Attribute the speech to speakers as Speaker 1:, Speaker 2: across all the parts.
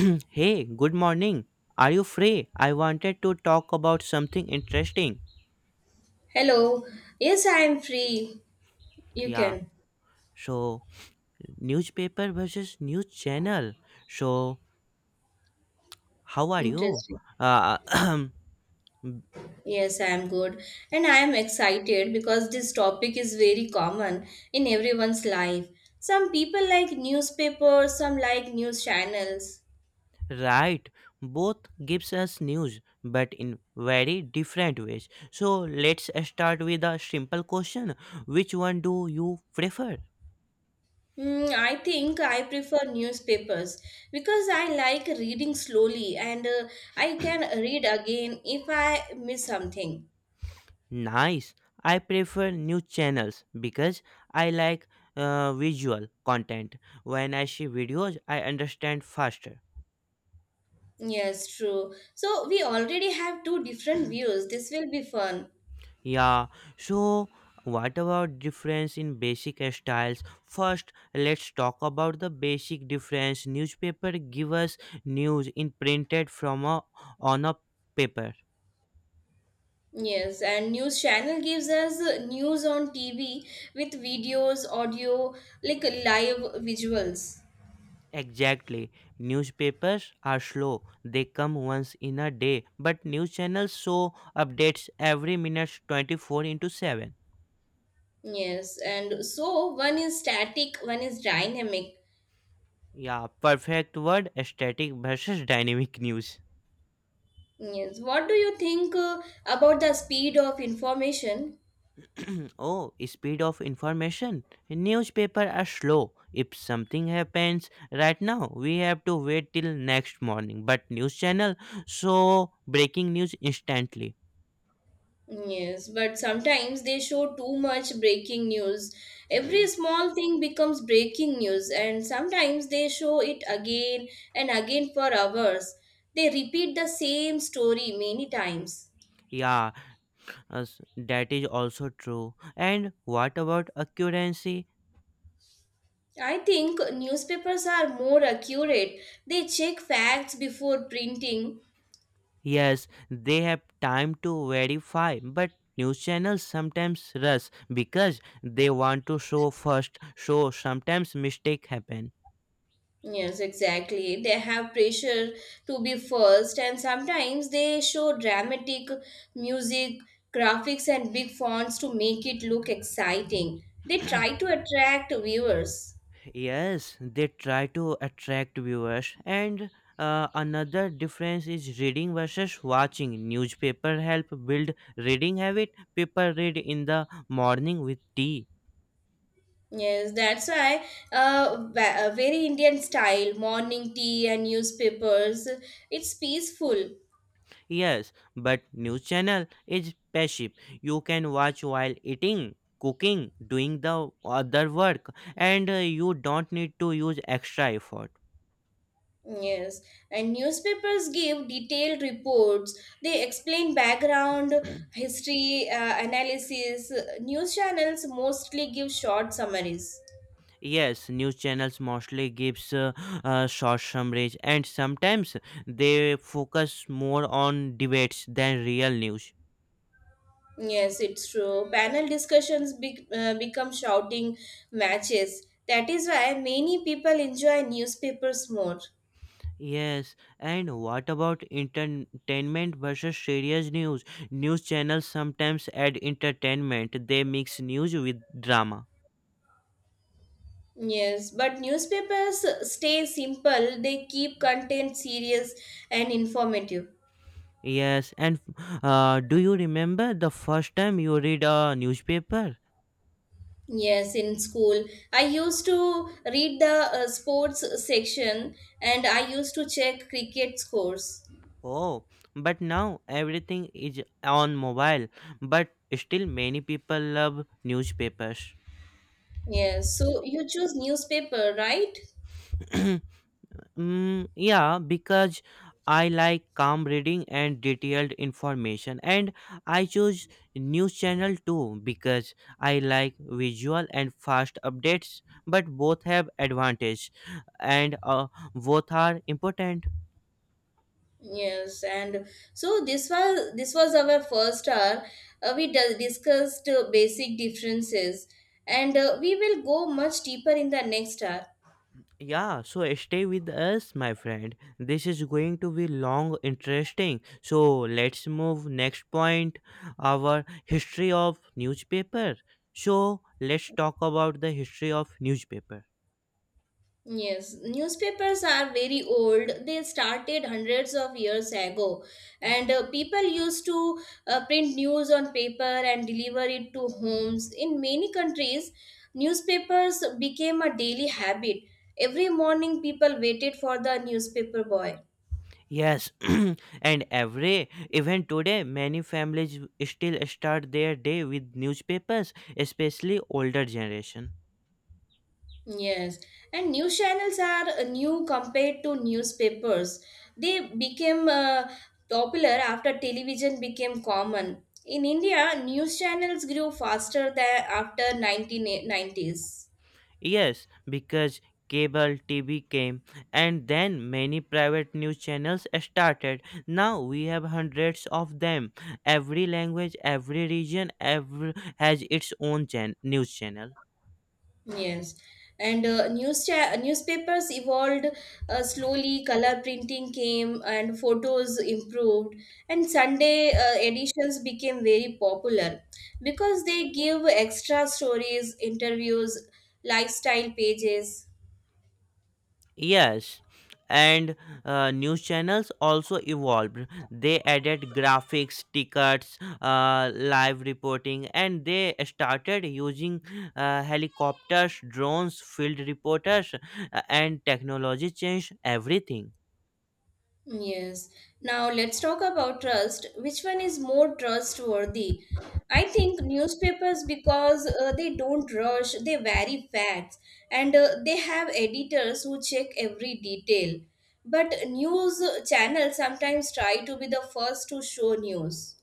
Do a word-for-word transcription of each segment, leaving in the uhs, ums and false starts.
Speaker 1: Hey, good morning. Are you free? I wanted to talk about something interesting.
Speaker 2: Hello. Yes, I am free. You
Speaker 1: Yeah.
Speaker 2: can.
Speaker 1: So, newspaper versus news channel. So, how are you?
Speaker 2: Interesting.
Speaker 1: Uh,
Speaker 2: Yes, I am good. And I am excited because this topic is very common in everyone's life. Some people like newspapers, some like news channels.
Speaker 1: right. Both gives us news, but in very different ways. So, let's start with a simple question. Which one do you prefer?
Speaker 2: Hmm, I think I prefer newspapers because I like reading slowly and uh, I can read again if I miss something.
Speaker 1: Nice. I prefer news channels because I like uh, visual content. When I see videos, I understand faster.
Speaker 2: Yes, true. So we already have two different views. This will be fun.
Speaker 1: Yeah. So, what about difference in basic styles? First, let's talk about the basic difference. Newspaper give us news in printed from a on a paper.
Speaker 2: Yes, and news channel gives us uh, news on T V with videos, audio, like live visuals.
Speaker 1: Exactly. Newspapers are slow. They come once in a day, but news channels show updates every minute twenty-four into seven.
Speaker 2: Yes, and so one is static, one is dynamic.
Speaker 1: Yeah, perfect word static versus dynamic news.
Speaker 2: Yes, what do you think uh, about the speed of information?
Speaker 1: Oh, speed of information. Newspaper are slow. If something happens right now, we have to wait till next morning. But news channel show breaking news instantly.
Speaker 2: Yes, but sometimes they show too much breaking news. Every small thing becomes breaking news, and sometimes they show it again and again for hours. They repeat the same story many times.
Speaker 1: Yeah, Yes, that is also true. And what about accuracy?
Speaker 2: I think newspapers are more accurate. They check facts before printing.
Speaker 1: Yes, they have time to verify, but news channels sometimes rush because they want to show first, so sometimes mistake happen.
Speaker 2: Yes, exactly. They have pressure to be first, and sometimes they show dramatic music, graphics, and big fonts to make it look exciting. They try to attract viewers.
Speaker 1: Yes, they try to attract viewers and uh, another difference is reading versus watching. Newspaper help build reading habit. People read in the morning with tea.
Speaker 2: Yes, that's why uh, va- a very Indian style morning tea and newspapers. It's peaceful.
Speaker 1: Yes, but news channel is passive. You can watch while eating, cooking, doing the other work, and uh, you don't need to use extra effort.
Speaker 2: Yes, and newspapers give detailed reports. They explain background, history, uh, analysis. News channels mostly give short summaries.
Speaker 1: Yes, news channels mostly gives uh, uh, short summaries, and sometimes they focus more on debates than real news.
Speaker 2: Yes, it's true. Panel discussions be- uh, become shouting matches. That is why many people enjoy newspapers more.
Speaker 1: Yes, and what about entertainment versus serious news? News channels sometimes add entertainment. They mix news with drama.
Speaker 2: Yes, but newspapers stay simple. They keep content serious and informative.
Speaker 1: Yes, and uh, do you remember the first time you read a newspaper?
Speaker 2: Yes, in school, I used to read the uh, sports section and I used to check cricket scores.
Speaker 1: Oh, but now everything is on mobile, but still many people love newspapers.
Speaker 2: Yes, so you choose newspaper, right?
Speaker 1: Mm, yeah, because I like calm reading and detailed information, and I choose news channel too because I like visual and fast updates, but both have advantage and uh, both are important.
Speaker 2: Yes, and so this was this was our first hour. Uh, we d- discussed uh, basic differences, and uh, we will go much deeper in the next hour.
Speaker 1: Yeah, so stay with us, my friend. This is going to be long, interesting. So let's move next point, our history of newspaper. So let's talk about the history of newspaper.
Speaker 2: Yes, newspapers are very old. They started hundreds of years ago, and uh, people used to uh, print news on paper and deliver it to homes. In many countries, newspapers became a daily habit. Every morning, people waited for the newspaper boy.
Speaker 1: Yes, and every even today, many families still start their day with newspapers, especially older generation.
Speaker 2: Yes, and news channels are uh, new compared to newspapers. They became uh, popular after television became common. In India, news channels grew faster than after nineteen nineties.
Speaker 1: Yes, because cable T V came and then many private news channels started. Now we have hundreds of them. Every language, every region every, has its own chan- news channel.
Speaker 2: Yes, and uh, news cha- newspapers evolved uh, slowly. Color printing came, and photos improved. And Sunday uh, editions became very popular because they give extra stories, interviews, lifestyle pages.
Speaker 1: Yes, and uh, news channels also evolved. They added graphics, tickets, uh, live reporting, and they started using uh, helicopters, drones, field reporters, uh, and technology changed everything.
Speaker 2: Yes. Now let's talk about trust. Which one is more trustworthy? I think newspapers because uh, they don't rush, they vary facts, and uh, they have editors who check every detail. But news channels sometimes try to be the first to show news.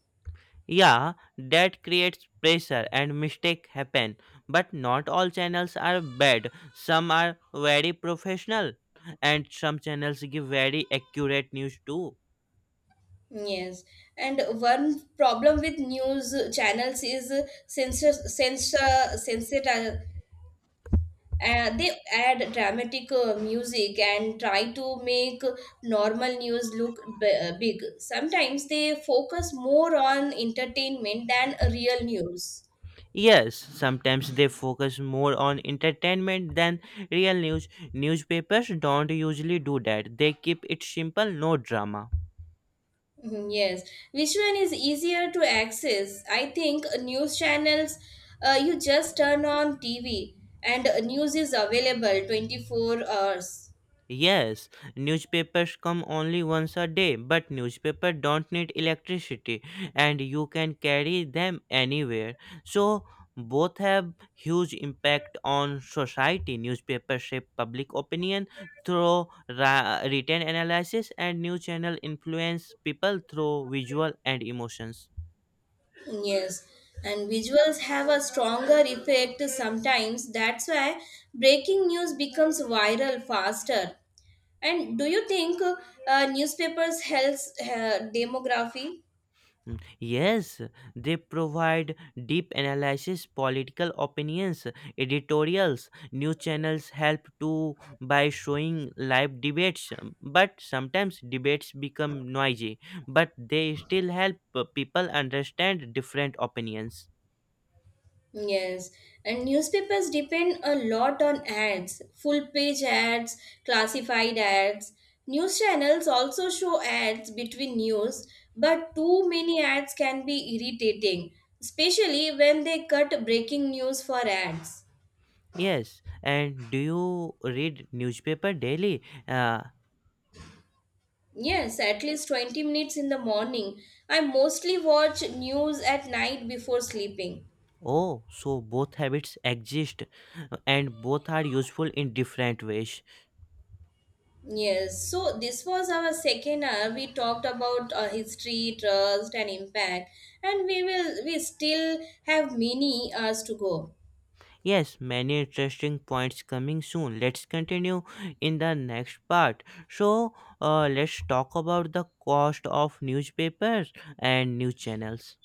Speaker 1: Yeah, that creates pressure and mistake happen. But not all channels are bad. Some are very professional, and some channels give very accurate news too.
Speaker 2: Yes, and one problem with news channels is sensor, sensor, uh, they add dramatic uh, music and try to make normal news look b- uh, big. Sometimes they focus more on entertainment than real news.
Speaker 1: Yes, sometimes they focus more on entertainment than real news. Newspapers don't usually do that. They keep it simple, no drama.
Speaker 2: Mhm, yes, which one is easier to access? I think uh, news channels, uh, you just turn on T V and uh, news is available twenty-four hours.
Speaker 1: Yes, newspapers come only once a day, but newspaper don't need electricity and you can carry them anywhere. So both have huge impact on society. Newspaper shape public opinion through ra- written analysis and new channel influence people through visual and emotions.
Speaker 2: Yes, and visuals have a stronger effect sometimes. That's why breaking news becomes viral faster. And do you think uh, newspapers helps uh, demography?
Speaker 1: Mm, Yes, they provide deep analysis, political opinions, editorials. New channels help too by showing live debates, um, but sometimes debates become noisy, but they still help uh, people understand different opinions.
Speaker 2: Yes, and newspapers depend a lot on ads, full page ads, classified ads. News channels also show ads between news, but too many ads can be irritating, especially when they cut breaking news for ads.
Speaker 1: Yes, and do you read newspaper daily? Uh,
Speaker 2: Yes, at least twenty minutes in the morning. I mostly watch news at night before sleeping.
Speaker 1: oh, so both habits exist uh, and both are useful in different ways.
Speaker 2: Yes, so this was our second hour. We talked about uh, history, trust, and impact, and we will we still have many hours to go.
Speaker 1: Yes, many interesting points coming soon. Let's continue in the next part. So, uh, let's talk about the cost of newspapers and news channels.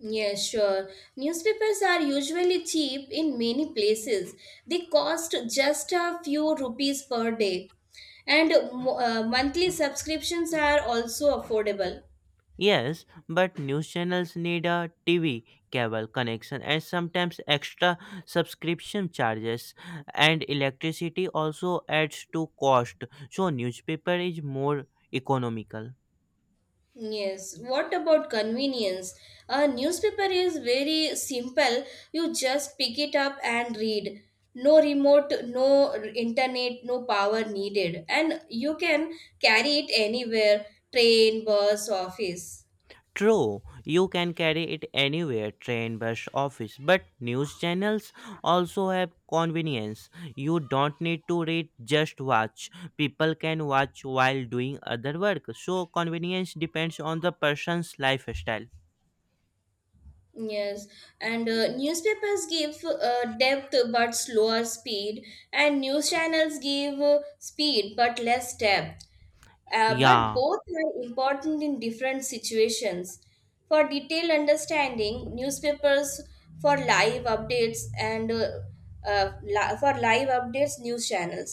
Speaker 2: Yes, sure. Newspapers are usually cheap in many places. They cost just a few rupees per day, and mo- uh, monthly subscriptions are also affordable.
Speaker 1: Yes, but news channels need a T V, cable connection, and sometimes extra subscription charges. And electricity also adds to cost. So, newspaper is more economical.
Speaker 2: Yes, what about convenience? A newspaper is very simple. You just pick it up and read. No remote, no internet, no power needed. And you can carry it anywhere, train, bus, office.
Speaker 1: True, you can carry it anywhere train, bus, office. But news channels also have convenience. You don't need to read, just watch. People can watch while doing other work. So, convenience depends on the person's lifestyle.
Speaker 2: Yes, and uh, newspapers give uh, depth but slower speed, and news channels give uh, speed but less depth. Uh, but
Speaker 1: Yeah.
Speaker 2: both are important in different situations. For detailed understanding, newspapers, for live updates and uh, uh, li- for live updates, news channels.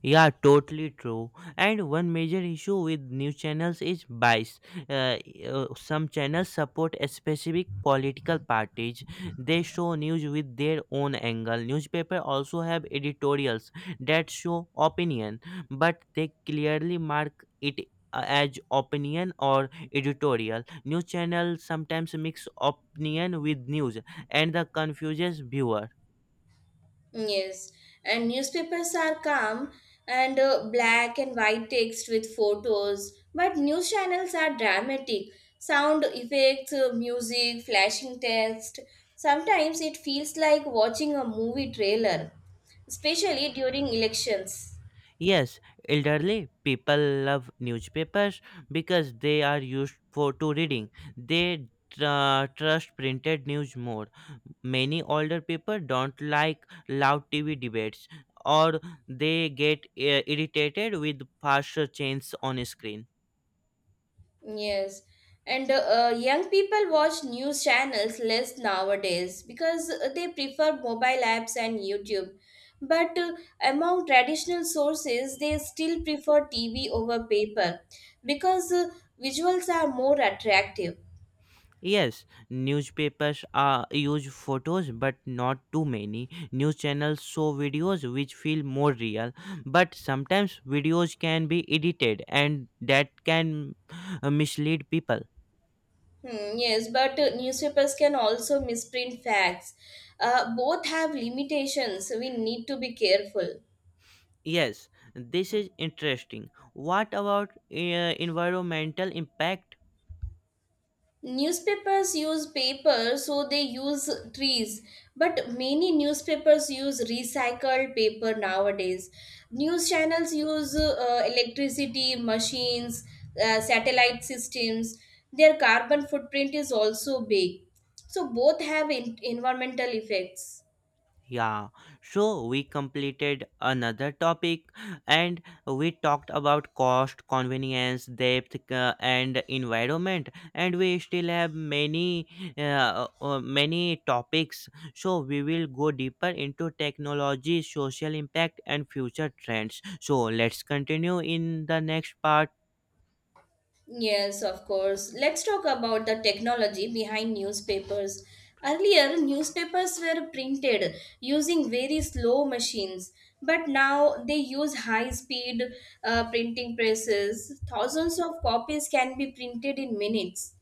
Speaker 1: Yeah, totally true. And one major issue with news channels is bias. Uh, uh, some channels support a specific political parties. They show news with their own angle. Newspaper also have editorials that show opinion, but they clearly mark it uh, as opinion or editorial. News channels sometimes mix opinion with news, and the confuses viewer.
Speaker 2: Yes, and newspapers are calm and uh, black and white text with photos, but news channels are dramatic. Sound effects, uh, music, flashing text. Sometimes it feels like watching a movie trailer, especially during elections.
Speaker 1: Yes, elderly people love newspapers because they are used for to reading. They tr- uh, trust printed news more. Many older people don't like loud T V debates or they get uh, irritated with faster changes on screen.
Speaker 2: Yes, and uh, young people watch news channels less nowadays because they prefer mobile apps and YouTube. But uh, among traditional sources, they still prefer T V over paper because uh, visuals are more attractive.
Speaker 1: Yes, newspapers are use photos but not too many. News channels show videos which feel more real, but sometimes videos can be edited and that can uh, mislead people.
Speaker 2: Hmm, yes, but uh, newspapers can also misprint facts. Uh, both have limitations, so we need to be careful.
Speaker 1: Yes, this is interesting. What about uh, environmental impact.
Speaker 2: Newspapers use paper, so they use trees, but many newspapers use recycled paper nowadays. News channels use uh, electricity machines, uh, satellite systems. Their carbon footprint is also big, so both have en- environmental effects.
Speaker 1: Yeah, so we completed another topic and we talked about cost, convenience, depth, uh, and environment, and we still have many uh, uh, many topics. So we will go deeper into technology, social impact, and future trends. So let's continue in the next part.
Speaker 2: Yes, of course. Let's talk about the technology behind newspapers. Earlier, newspapers were printed using very slow machines, but now they use high speed uh, printing presses. Thousands of copies can be printed in minutes.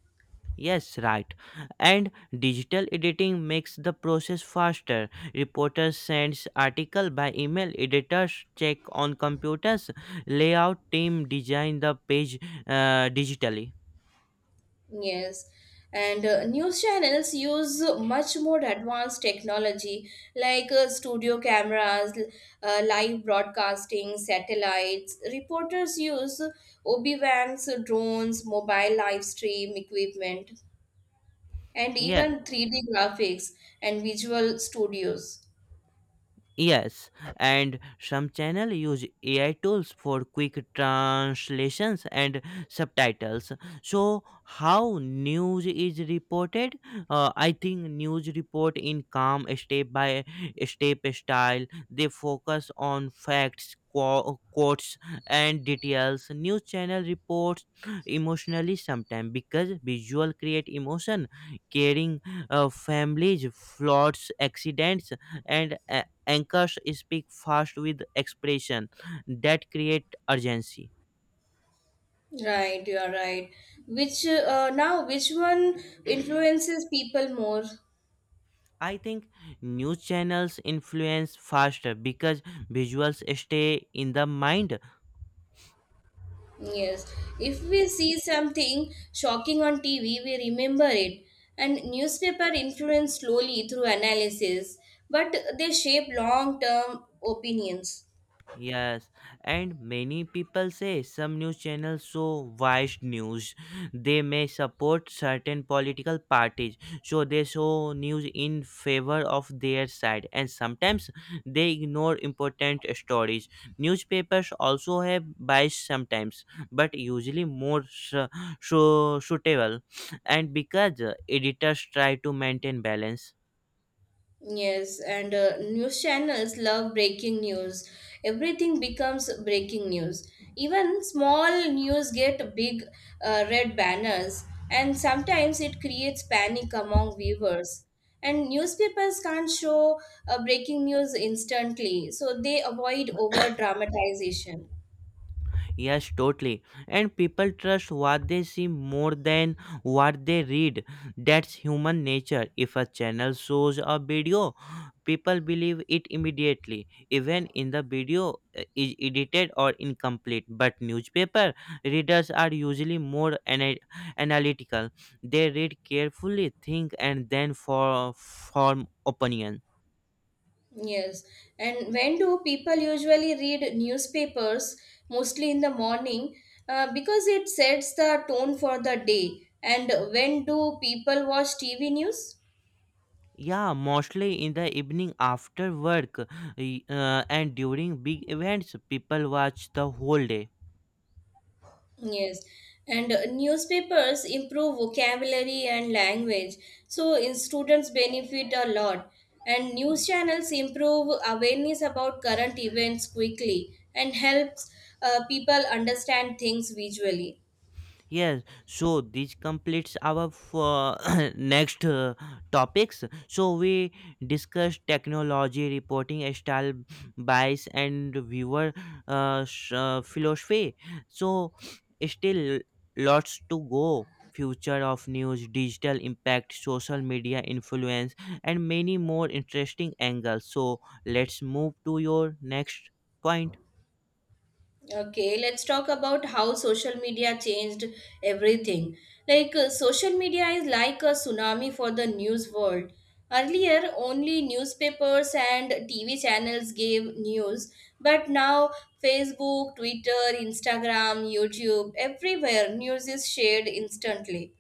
Speaker 1: Yes, right. And digital editing makes the process faster. Reporter sends article by email, editors check on computers, layout team design the page uh, digitally.
Speaker 2: Yes, and uh, news channels use much more advanced technology like uh, studio cameras, l- uh, live broadcasting, satellites. Reporters use O B-Vans, drones, mobile live stream equipment, and
Speaker 1: Yes.
Speaker 2: even three D graphics and visual studios.
Speaker 1: Yes, and some channel use A I tools for quick translations and subtitles. So how news is reported? Uh, I think news report in calm step by step style. They focus on facts, qu- quotes, and details. News channel reports emotionally sometimes because visual create emotion, caring uh, families, floods, accidents, and uh, anchors speak fast with expression that create urgency.
Speaker 2: Right, you are right. Which uh, now, which one influences people more?
Speaker 1: I think news channels influence faster because visuals stay in the mind.
Speaker 2: Yes, if we see something shocking on T V, we remember it. And newspaper influence slowly through analysis, but they shape long term opinions.
Speaker 1: Yes, and many people say some news channels show biased news. They may support certain political parties, so they show news in favor of their side, and sometimes they ignore important stories. Newspapers also have bias sometimes, but usually more su- su- suitable, and because uh, editors try to maintain balance.
Speaker 2: Yes, and uh, news channels love breaking news. Everything becomes breaking news. Even small news get big uh, red banners, and sometimes it creates panic among viewers. And newspapers can't show uh, breaking news instantly, so they avoid over dramatization.
Speaker 1: Yes, totally. And people trust what they see more than what they read. That's human nature. If a channel shows a video, people believe it immediately, even in the video uh, is edited or incomplete. But newspaper readers are usually more ana- analytical. They read carefully, think, and then for form opinions.
Speaker 2: Yes. And when do people usually read newspapers? Mostly in the morning, uh, because it sets the tone for the day. And when do people watch T V news?
Speaker 1: Yeah, mostly in the evening after work y- uh, and during big events, people watch the whole day.
Speaker 2: Yes. And uh, newspapers improve vocabulary and language. So in students benefit a lot. And news channels improve awareness about current events quickly and helps uh, people understand things visually.
Speaker 1: Yes, so this completes our f- uh, next uh, topics. So we discussed technology, reporting style, bias, and viewer uh, sh- uh, philosophy. So still lots to go. Future of news, digital impact, social media influence, and many more interesting angles. So let's move to your next point.
Speaker 2: Okay, let's talk about how social media changed everything. Like, uh, social media is like a tsunami for the news world. Earlier, only newspapers and T V channels gave news, but now Facebook, Twitter, Instagram, YouTube, everywhere news is shared instantly.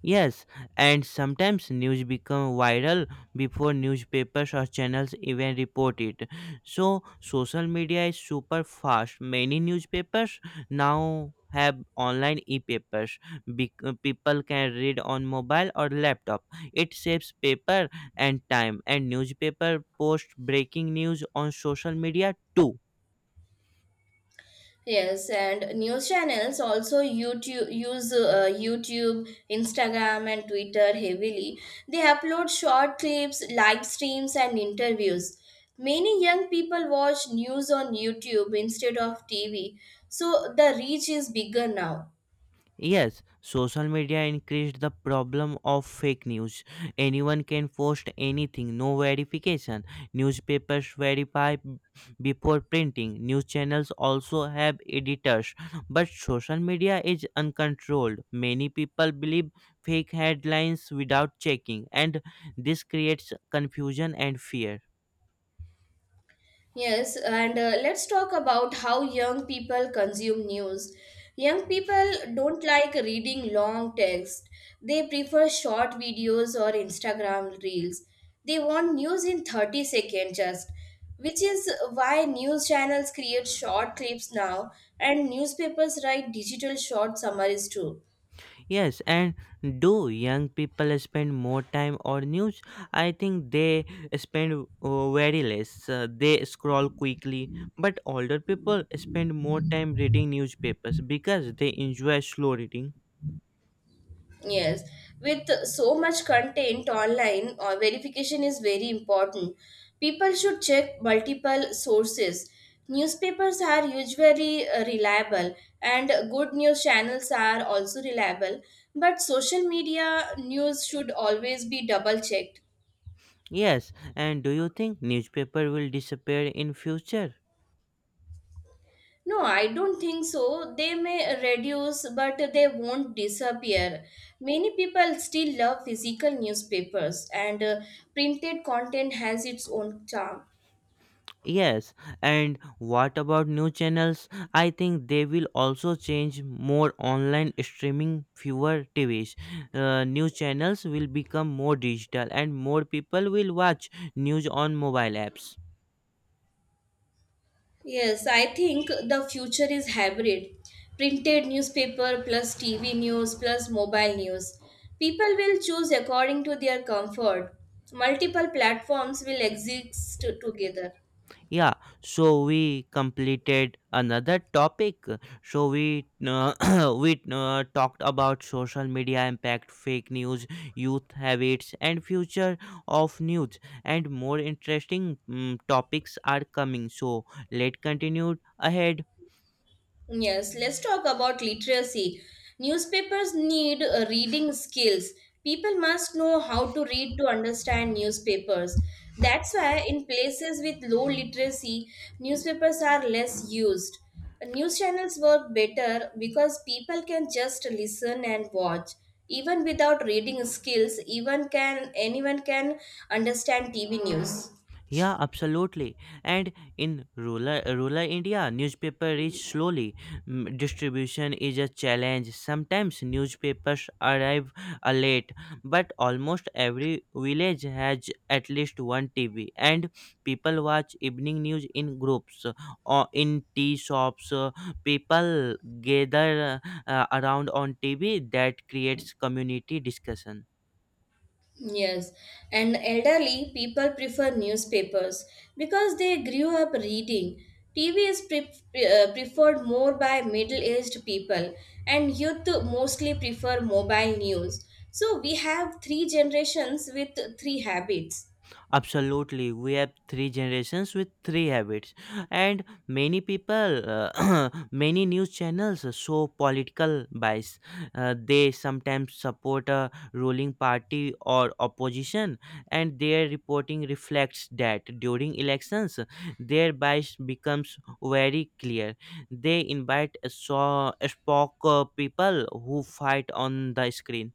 Speaker 1: Yes, and sometimes news become viral before newspapers or channels even report it. So social media is super fast. Many newspapers now have online e-papers. Bec- uh, people can read on mobile or laptop. It saves paper and time. And newspaper post breaking news on social media too.
Speaker 2: Yes, and news channels also YouTube use uh, YouTube, Instagram, and Twitter heavily. They upload short clips, live streams, and interviews. Many young people watch news on YouTube instead of T V, so the reach is bigger now.
Speaker 1: Yes, social media increased the problem of fake news. Anyone can post anything, no verification. Newspapers verify b- before printing. News channels also have editors. But social media is uncontrolled. Many people believe fake headlines without checking, and this creates confusion and fear.
Speaker 2: Yes, and uh, let's talk about how young people consume news. Young people don't like reading long text. They prefer short videos or Instagram reels. They want news in thirty seconds just, which is why news channels create short clips now and newspapers write digital short summaries too.
Speaker 1: Yes, and do young people spend more time on news? I think they spend uh, very less. Uh, they scroll quickly, but older people spend more time reading newspapers because they enjoy slow reading.
Speaker 2: Yes, with so much content online, uh, verification is very important. People should check multiple sources. Newspapers are usually uh, reliable, and good news channels are also reliable. But social media news should always be double checked.
Speaker 1: Yes, and do you think newspaper will disappear in future?
Speaker 2: No, I don't think so. They may reduce, but they won't disappear. Many people still love physical newspapers, and uh, printed content has its own charm.
Speaker 1: Yes, and what about new channels? I think they will also change more online streaming, fewer T Vs. Uh, new channels will become more digital, and more people will watch news on mobile apps.
Speaker 2: Yes, I think the future is hybrid. Printed newspaper plus T V news plus mobile news. People will choose according to their comfort. Multiple platforms will exist together.
Speaker 1: Yeah, so we completed another topic. So we uh, we uh, talked about social media impact, fake news, youth habits, and future of news. And more interesting mm topics are coming. So let continue ahead.
Speaker 2: Yes, let's talk about literacy. Newspapers need uh, reading skills. People must know how to read to understand newspapers. That's why, in places with low literacy, newspapers are less used. News channels work better because people can just listen and watch. Even without reading skills, even can anyone can understand T V news.
Speaker 1: Yeah, absolutely. And in rural rural India, newspaper reach slowly. Mm, Distribution is a challenge. Sometimes newspapers arrive uh, late, but almost every village has at least one T V, and people watch evening news in groups or in tea shops. uh, People gather uh, around on T V. That creates community discussion.
Speaker 2: Yes, and elderly people prefer newspapers because they grew up reading. T V is pre- pre- uh, preferred more by middle aged people, and youth mostly prefer mobile news. So we have three generations with three habits.
Speaker 1: Absolutely, we have three generations with three habits, and many people, uh, many news channels show political bias. Uh, they sometimes support a ruling party or opposition, and their reporting reflects that during elections, their bias becomes very clear. They invite so spoke uh, people who fight on the screen.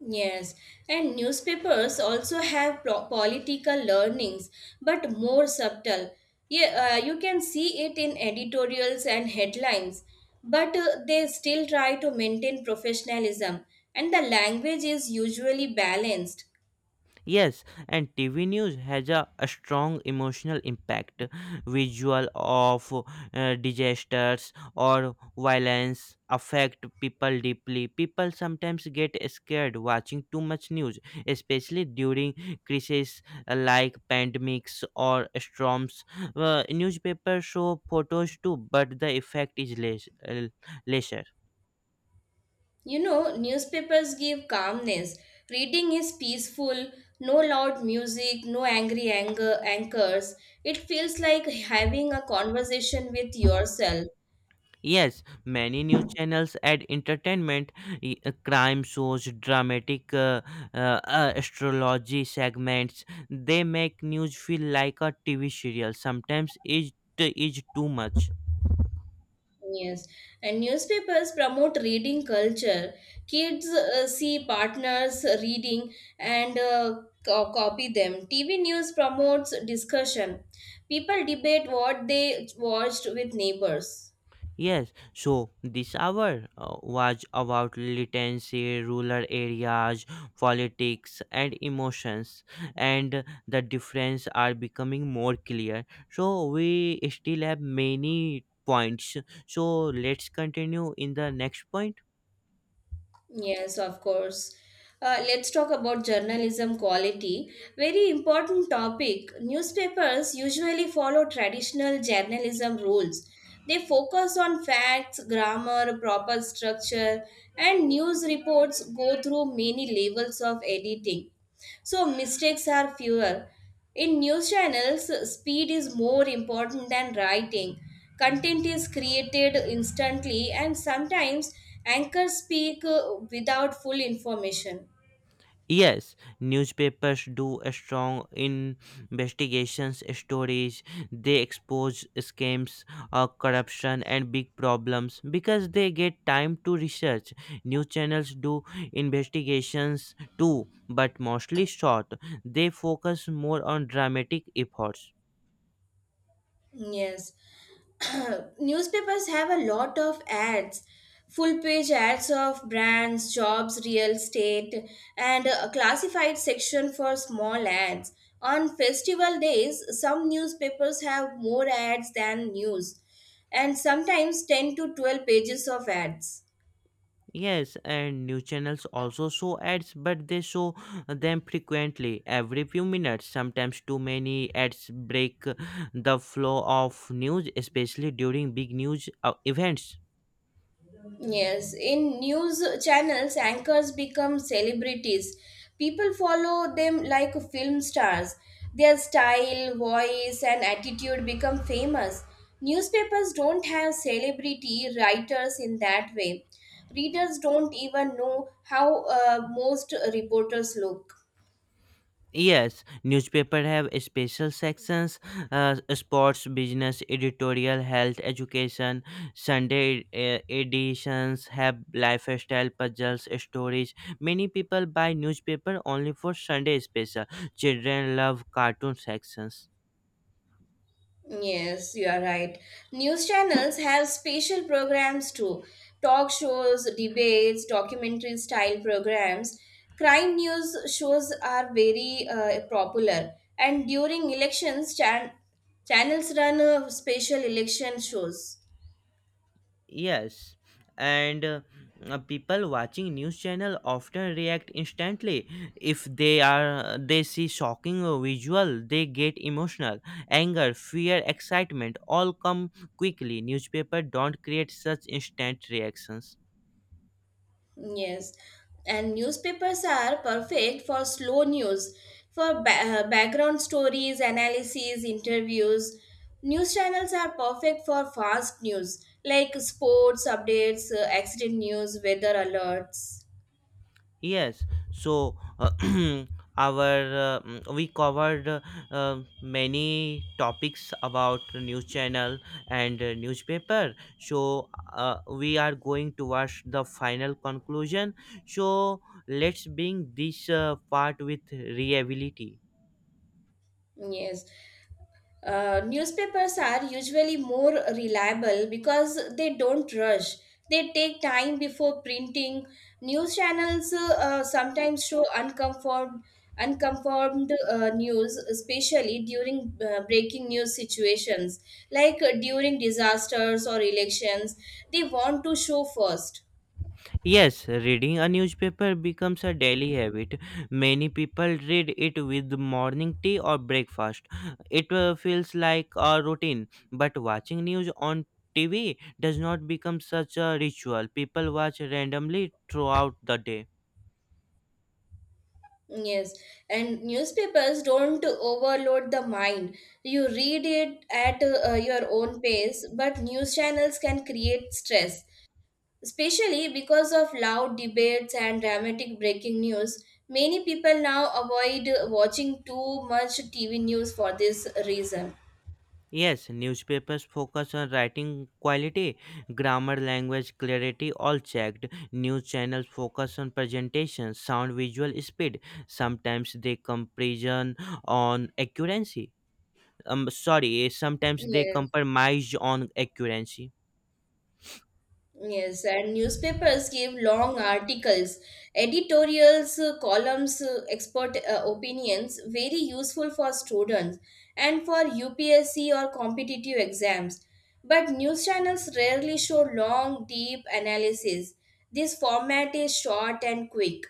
Speaker 2: Yes, and newspapers also have pro- political learnings, but more subtle. Yeah, uh, you can see it in editorials and headlines, but uh, they still try to maintain professionalism, and the language is usually balanced.
Speaker 1: Yes, and T V news has a, a strong emotional impact. Visual of uh, disasters or violence affect people deeply. People sometimes get scared watching too much news, especially during crises uh, like pandemics or storms. Uh, newspapers show photos too, but the effect is less, uh, lesser.
Speaker 2: You know, newspapers give calmness. Reading is peaceful, no loud music, no angry anger anchors. It feels like having a conversation with yourself.
Speaker 1: Yes, many news channels add entertainment, y- uh, crime shows, dramatic uh, uh, uh, astrology segments. They make news feel like a T V serial. Sometimes it is too much.
Speaker 2: Yes, and newspapers promote reading culture. Kids uh, see partners reading and uh, co- copy them. T V news promotes discussion. People debate what they watched with neighbors.
Speaker 1: Yes, so this hour uh, was about militancy, rural areas, politics, and emotions, and the difference are becoming more clear. So we still have many points. So let's continue in the next point.
Speaker 2: Yes, of course. Uh, let's talk about journalism quality. Very important topic. Newspapers usually follow traditional journalism rules. They focus on facts, grammar, proper structure, and news reports go through many levels of editing. So mistakes are fewer. In news channels, speed is more important than writing. Content is created instantly, and sometimes anchors speak uh, without full information.
Speaker 1: Yes, newspapers do a strong investigations stories. They expose scams, uh, corruption, and big problems because they get time to research. News channels do investigations too, but mostly short. They focus more on dramatic efforts.
Speaker 2: Yes. Newspapers have a lot of ads, full page ads of brands, jobs, real estate, and a classified section for small ads. On festival days, some newspapers have more ads than news, and sometimes ten to twelve pages of ads.
Speaker 1: Yes, and new channels also show ads, but they show them frequently, every few minutes. Sometimes too many ads break the flow of news, especially during big news uh, events.
Speaker 2: Yes, in news channels, anchors become celebrities. People follow them like film stars. Their style, voice, and attitude become famous. Newspapers don't have celebrity writers in that way. Readers don't even know how uh, most reporters look.
Speaker 1: Yes, newspaper have special sections, uh, sports, business, editorial, health, education. Sunday uh, editions have lifestyle, puzzles, stories. Many people buy newspaper only for Sunday special. Children love cartoon sections.
Speaker 2: Yes, you are right. News channels have special programs too, talk shows, debates, documentary style programs. Crime news shows are very uh, popular, and during elections, chan- channels run uh, special election shows.
Speaker 1: Yes, and uh, uh, people watching news channel often react instantly. If they are uh, they see shocking uh, visual, they get emotional. Anger, fear, excitement all come quickly. Newspaper don't create such instant reactions.
Speaker 2: Yes, and newspapers are perfect for slow news, for ba- uh, background stories, analyses, interviews. News channels are perfect for fast news like sports updates, uh, accident news, weather alerts.
Speaker 1: Yes, so uh, our uh, mm, we covered uh, uh, many topics about news channel and uh, newspaper. So uh, we are going towards the final conclusion. So let's bring this uh, part with reliability.
Speaker 2: Yes. Uh, newspapers are usually more reliable because they don't rush. They take time before printing. News channels uh, uh, sometimes show unconfirmed, unconfirmed uh, news, especially during uh, breaking news situations, like uh, during disasters or elections. They want to show first.
Speaker 1: Yes, reading a newspaper becomes a daily habit. Many people read it with morning tea or breakfast. It uh, feels like a routine, but watching news on T V does not become such a ritual. People watch randomly throughout the day.
Speaker 2: Yes, and newspapers don't overload the mind. You read it at uh, your own pace, but news channels can create stress, especially because of loud debates and dramatic breaking news. Many people now avoid watching too much T V news for this reason.
Speaker 1: Yes, newspapers focus on writing quality, grammar, language, clarity, all checked. News channels focus on presentation, sound, visual speed. Sometimes they comparison on accuracy. Um sorry sometimes they
Speaker 2: Yes.
Speaker 1: compromise on accuracy.
Speaker 2: Yes, and newspapers gave long articles, editorials, uh, columns, uh, expert uh, opinions, very useful for students and for U P S C or competitive exams. But news channels rarely show long, deep analysis. This format is short and quick.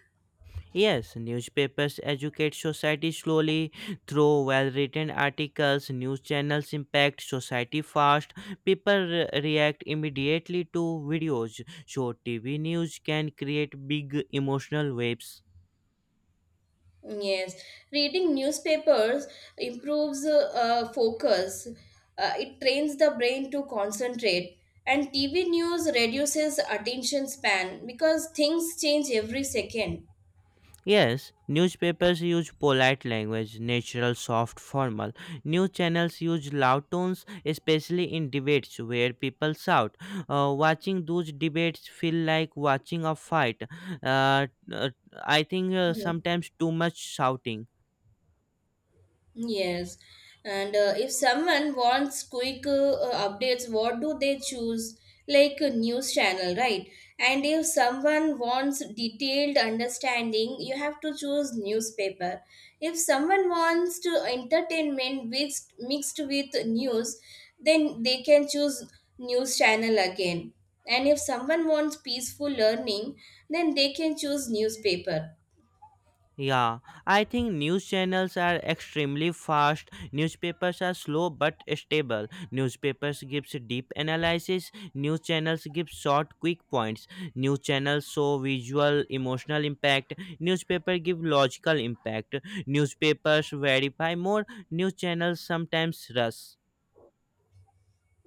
Speaker 1: Yes, newspapers educate society slowly through well written articles. News channels impact society fast. People re- react immediately to videos, so TV news can create big emotional waves.
Speaker 2: Yes, reading newspapers improves uh, uh, focus. Uh, it trains the brain to concentrate. And T V news reduces attention span because things change every second.
Speaker 1: Yes, newspapers use polite language, natural, soft, formal. News channels use loud tones, especially in debates where people shout. Uh, watching those debates feel like watching a fight. Uh, uh, I think uh, sometimes too much shouting.
Speaker 2: Yes, and uh, if someone wants quick uh, uh, updates, what do they choose? Like a news channel, right? And if someone wants detailed understanding, you have to choose newspaper. If someone wants to entertainment mixed mixed with news, then they can choose news channel again. And if someone wants peaceful learning, then they can choose newspaper.
Speaker 1: Yeah, I think news channels are extremely fast. Newspapers are slow but stable. Newspapers gives deep analysis. News channels give short, quick points. News channels show visual, emotional impact. Newspaper give logical impact. Newspapers verify more. News channels sometimes rush.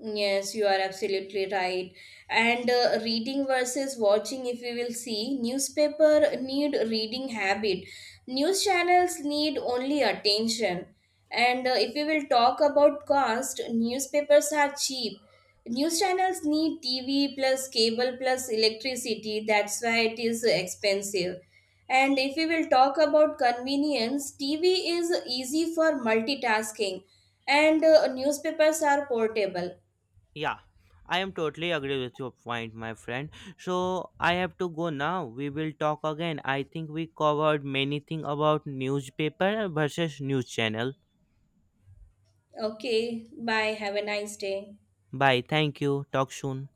Speaker 2: Yes, you are absolutely right. And uh, reading versus watching, if we will see, newspaper need reading habit. News channels need only attention. And uh, if we will talk about cost, newspapers are cheap. News channels need T V plus cable plus electricity. That's why it is expensive. And if we will talk about convenience, T V is easy for multitasking, and uh, newspapers are portable.
Speaker 1: Yeah, I am totally agree with your point, my friend. So I have to go now. We will talk again. I think we covered many thing about newspaper versus news channel.
Speaker 2: Okay, bye. Have a nice day.
Speaker 1: Bye. Thank you. Talk soon.